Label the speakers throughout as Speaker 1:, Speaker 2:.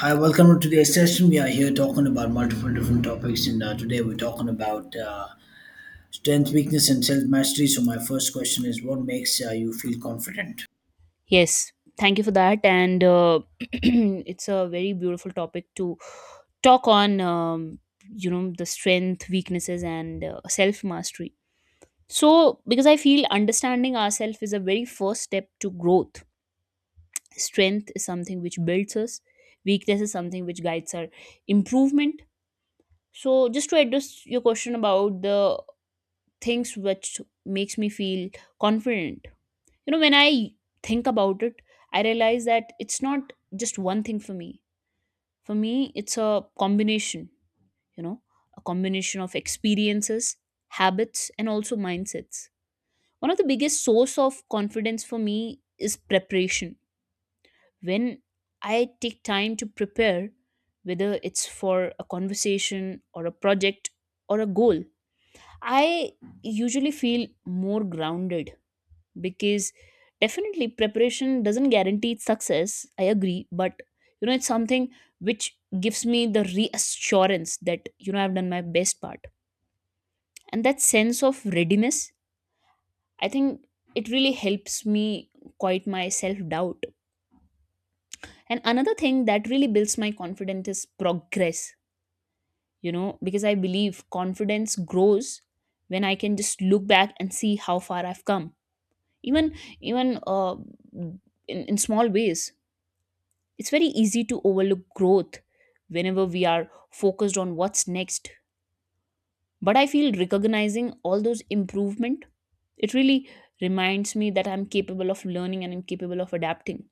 Speaker 1: Hi, welcome to today's session. We are here talking about multiple different topics, and today we're talking about strength, weakness, and self mastery. So, my first question is what makes you feel confident?
Speaker 2: Yes, thank you for that. And it's a very beautiful topic to talk on, you know, the strength, weaknesses, and self mastery. So, because I feel understanding ourselves is a very first step to growth. Strength is something which builds us, weakness is something which guides our improvement. So, just to address your question about the things which makes me feel confident. You know, when I think about it, I realize that it's not just one thing for me. For me, it's a combination, you know, a combination of experiences, habits, and also mindsets. One of the biggest source of confidence for me is preparation. When I take time to prepare, whether it's for a conversation or a project or a goal, I usually feel more grounded, because definitely preparation doesn't guarantee success, I agree, but it's something which gives me the reassurance that I've done my best part. And that sense of readiness, I think it really helps me quite my self doubt. And another thing that really builds my confidence is progress. You know, because I believe confidence grows when I can just look back and see how far I've come, even even in small ways. It's very easy to overlook growth whenever we are focused on what's next. But I feel recognizing all those improvement, it really reminds me that I'm capable of learning and I'm capable of adapting.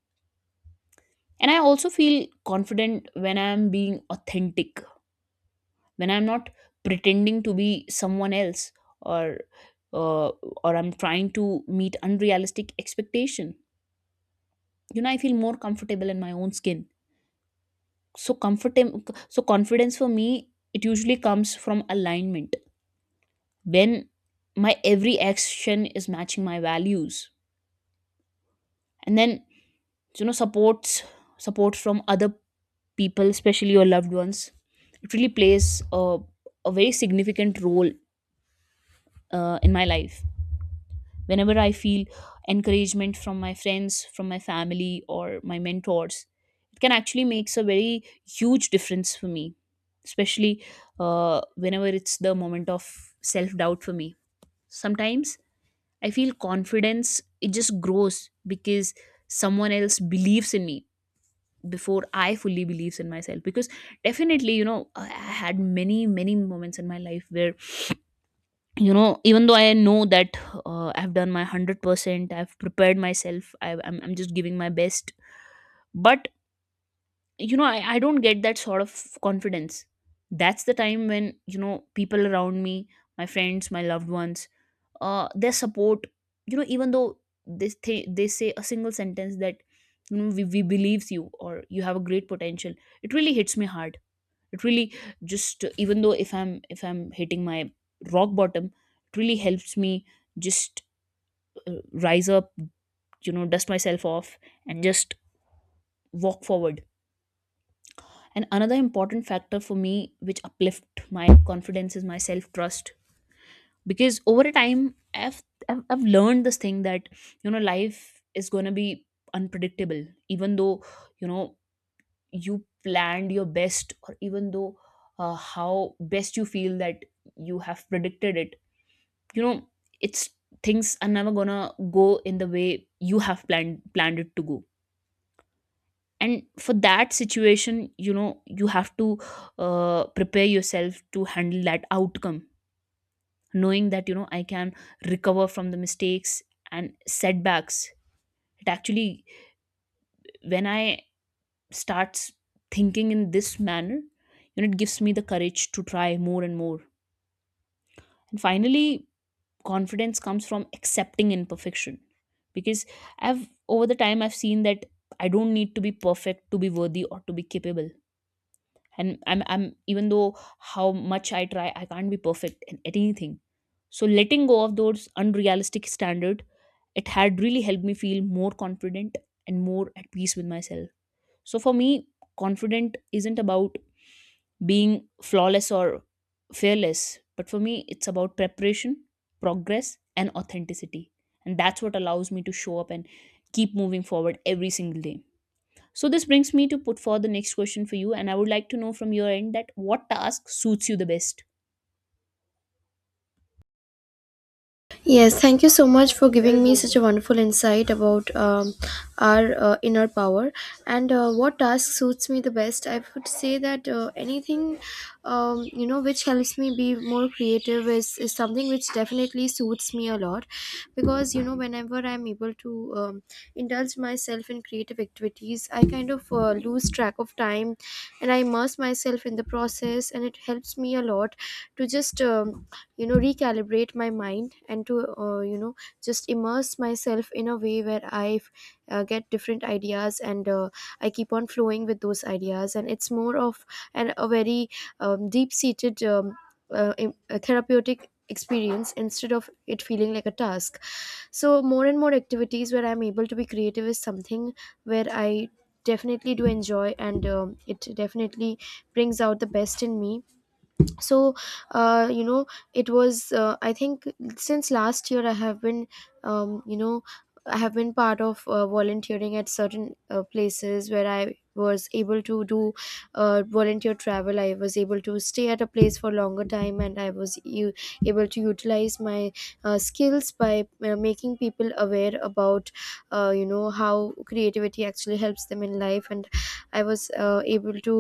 Speaker 2: And I also feel confident when I'm being authentic, when I'm not pretending to be someone else or or I'm trying to meet unrealistic expectation. You know, I feel more comfortable in my own skin. So comfortable. So confidence for me, it usually comes from alignment, when my every action is matching my values. And then, you know, support from other people, especially your loved ones, it really plays a very significant role in my life. Whenever I feel encouragement from my friends, from my family or my mentors, it can actually makes a very huge difference for me, especially whenever it's the moment of self doubt for me. Sometimes I feel confidence, it just grows because someone else believes in me before I fully believes in myself. Because definitely, you know, I had many moments in my life where, you know, even though I know that I've done my 100%, I've prepared myself, I'm just giving my best, but you know, I don't get that sort of confidence. That's the time when, you know, people around me, my friends, my loved ones, their support, you know, even though they say a single sentence that, you know, we believes you or you have a great potential, it really hits me hard. It really just, even though if I'm hitting my rock bottom, it really helps me just rise up, you know, dust myself off and just walk forward. And another important factor for me which uplift my confidence is my self trust. Because over a time, I've learned this thing that, you know, life is going to be unpredictable. Even though, you know, you planned your best, or even though how best you feel that you have predicted it, you know, it's, things are never gonna go in the way you have planned it to go. And for that situation, you know, you have to prepare yourself to handle that outcome. Knowing that, you know, I can recover from the mistakes and setbacks, it actually, when I starts thinking in this manner, you know, it gives me the courage to try more and more. And finally, confidence comes from accepting imperfection. Because I've over the time I've seen that I don't need to be perfect to be worthy or to be capable. And I'm even though how much I try, I can't be perfect in anything. So letting go of those unrealistic standard, it had really helped me feel more confident and more at peace with myself. So for me, confident isn't about being flawless or fearless. But for me, it's about preparation, progress, and authenticity. And that's what allows me to show up and keep moving forward every single day. So this brings me to put forward the next question for you, and I would like to know from your end that what task suits you the best.
Speaker 3: Yes, thank you so much for giving me such a wonderful insight about our inner power and what task suits me the best. I would say that anything which helps me be more creative is something which definitely suits me a lot because whenever I'm able to indulge myself in creative activities, I kind of lose track of time, and I immerse myself in the process, and it helps me a lot to just recalibrate my mind and to uh, you know just immerse myself in a way where I get different ideas, and I keep on flowing with those ideas, and it's more of a very deep seated a therapeutic experience instead of it feeling like a task. So more and more activities where I'm able to be creative is something where I definitely do enjoy, and it definitely brings out the best in me. So uh, you know it was I think since last year I have been um, you know I have been part of volunteering at certain places where I was able to do volunteer travel. I was able to stay at a place for longer time, and able to utilize my skills by making people aware about how creativity actually helps them in life. And I was able to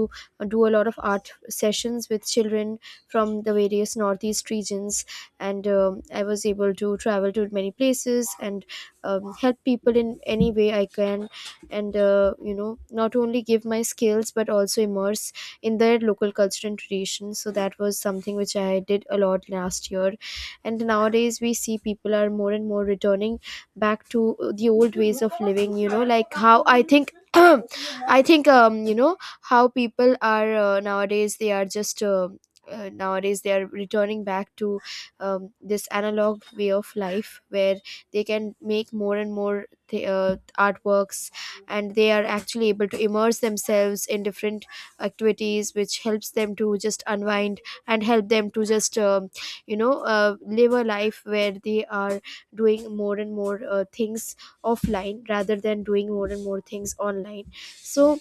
Speaker 3: do a lot of art sessions with children from the various northeast regions, and I was able to travel to many places, and help people in any way I can, and not only give my skills but also immerse in their local culture and tradition. So that was something which I did a lot last year. And nowadays we see people are more and more returning back to the old ways of living, like how I think I think how people are nowadays, they are just nowadays they are returning back to this analog way of life where they can make more and more artworks, and they are actually able to immerse themselves in different activities which helps them to just unwind, and help them to just live a life where they are doing more and more things offline rather than doing more and more things online. So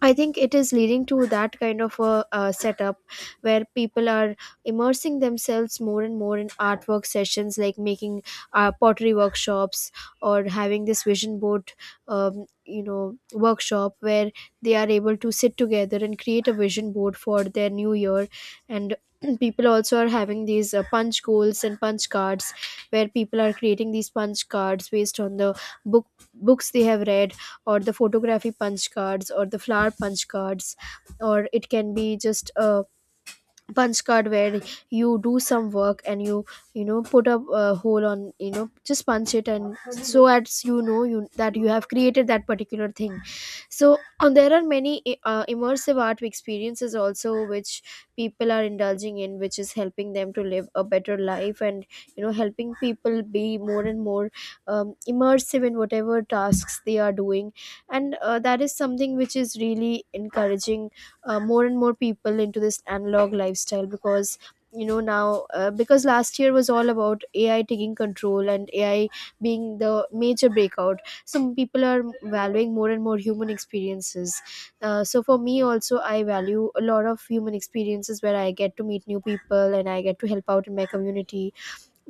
Speaker 3: I think it is leading to that kind of a setup where people are immersing themselves more and more in artwork sessions, like making pottery workshops, or having this vision board workshop where they are able to sit together and create a vision board for their new year. And people also are having these punch goals and punch cards, where people are creating these punch cards based on the book books they have read, or the photography punch cards or the flower punch cards, or it can be just a punch card where you do some work and you know put a hole on, just punch it, and so as you know you that you have created that particular thing. So there are many immersive art experiences also which people are indulging in, which is helping them to live a better life, and helping people be more and more immersive in whatever tasks they are doing. And that is something which is really encouraging more and more people into this analog lifestyle, because now because last year was all about AI taking control and AI being the major breakout, some people are valuing more and more human experiences. So for me also, I value a lot of human experiences where I get to meet new people and I get to help out in my community.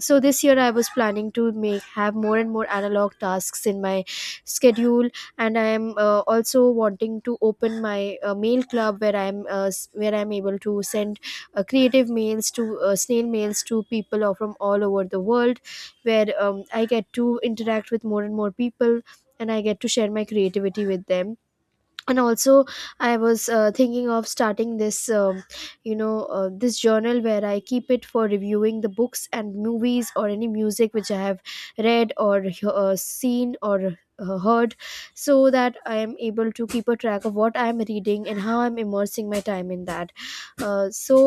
Speaker 3: So this year I was planning to make have more and more analog tasks in my schedule. And I am also wanting to open my mail club where where I'm able to send creative mails to snail mails to people from all over the world, where I get to interact with more and more people and I get to share my creativity with them. And also, I was thinking of starting this you know this journal where I keep it for reviewing the books and movies or any music which I have read, or seen, or heard, so that I am able to keep a track of what I am reading and how I'm immersing my time in that. So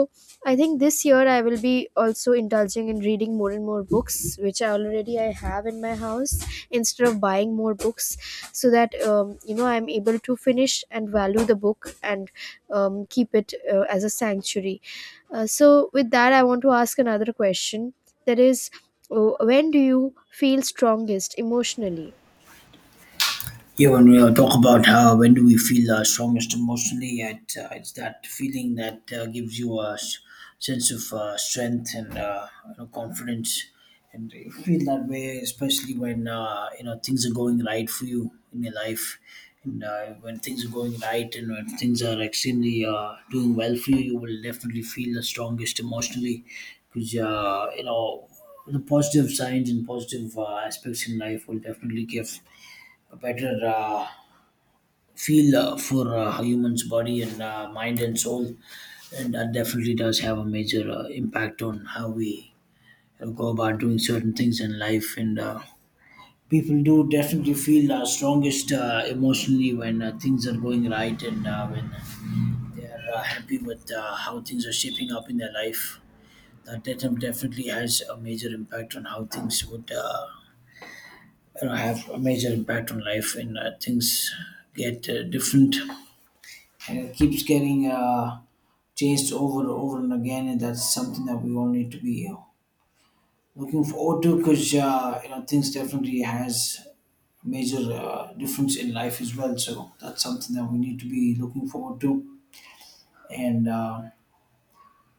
Speaker 3: I think this year I will be also indulging in reading more and more books which I have in my house, instead of buying more books, so that I'm able to finish and value the book, and keep it as a sanctuary. So with that I want to ask another question, that is, when do you feel strongest emotionally?
Speaker 1: Yeah, when we talk about how when do we feel strongest emotionally, it's that feeling that gives you a sense of strength and you know, confidence, and you feel that way especially when you know things are going right for you in your life, and when things are going right and when things are extremely doing well for you, you will definitely feel the strongest emotionally, because you know the positive signs and positive aspects in life will definitely give a better feel for human's body and mind and soul. And that definitely does have a major impact on how we you go about doing certain things in life. And People do definitely feel strongest emotionally when things are going right and when they're happy with how things are shaping up in their life. That definitely has a major impact on how things would you know, have a major impact on life, and things get different and it keeps getting changed over and over and again. And that's something that we all need to be looking forward to because you know things definitely has major difference in life as well. So that's something that we need to be looking forward to. And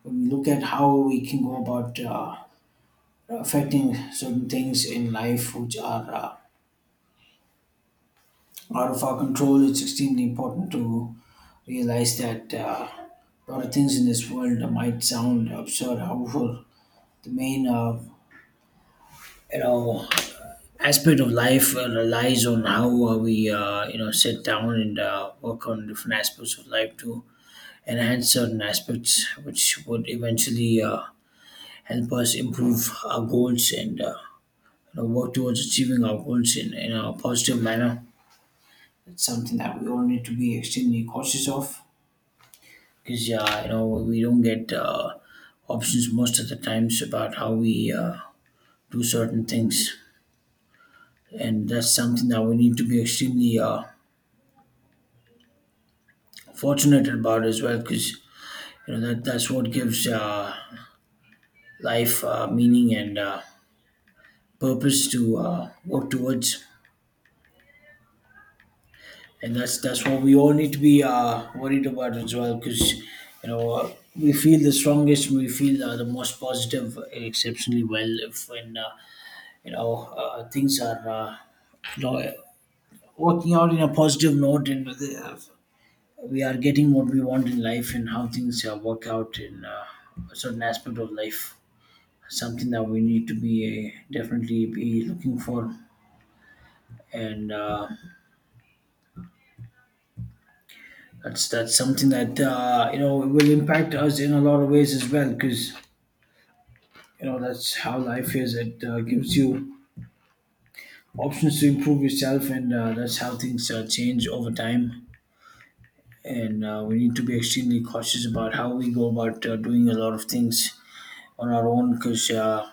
Speaker 1: When we look at how we can go about affecting certain things in life which are out of our control, it's extremely important to realize that a lot of things in this world might sound absurd. However, the main you know aspect of life relies on how we you know sit down and work on different aspects of life to enhance certain aspects which would eventually help us improve our goals and you know, work towards achieving our goals in a positive manner. It's something that we all need to be extremely cautious of because yeah, you know, we don't get options most of the times about how we do certain things, and that's something that we need to be extremely fortunate about as well because you know that's what gives life meaning and purpose to work towards. And that's what we all need to be worried about as well because we feel the strongest, we feel the most positive exceptionally well if when you know things are you know working out in a positive note, and we are getting what we want in life and how things work out in a certain aspect of life. Something that we need to be definitely be looking for. And That's something that you know will impact us in a lot of ways as well because you know that's how life is. It gives you options to improve yourself, and that's how things change over time. And we need to be extremely cautious about how we go about doing a lot of things on our own because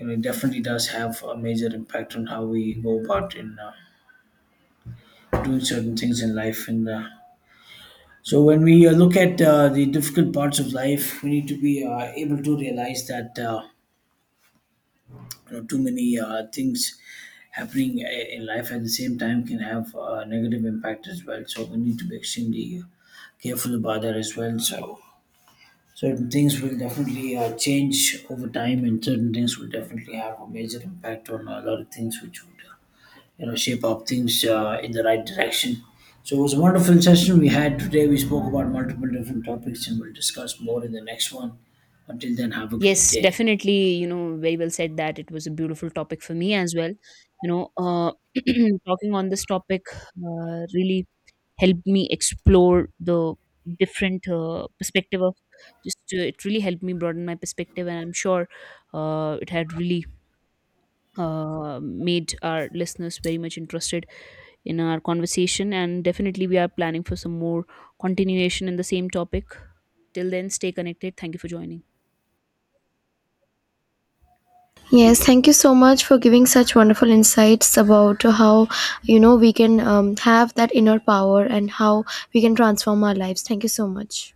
Speaker 1: and it definitely does have a major impact on how we go about in doing certain things in life. And So, when we look at the difficult parts of life, we need to be able to realize that you know, too many things happening in life at the same time can have a negative impact as well. So, we need to be extremely careful about that as well. So. Certain things will definitely change over time, and certain things will definitely have a major impact on a lot of things which would you know shape up things in the right direction. So it was a wonderful session we had today. We spoke about multiple different topics and we'll discuss more in the next one. Until then, have a great
Speaker 2: Yes,
Speaker 1: day.
Speaker 2: definitely. You know, very well said that it was a beautiful topic for me as well. You know, talking on this topic really helped me explore the different perspective of, just it really helped me broaden my perspective. And I'm sure it had really made our listeners very much interested in our conversation. And definitely we are planning for some more continuation in the same topic. Till then, stay connected. Thank you for joining.
Speaker 3: Yes, thank you so much for giving such wonderful insights about how we can have that inner power, and how we can transform our lives. Thank you so much.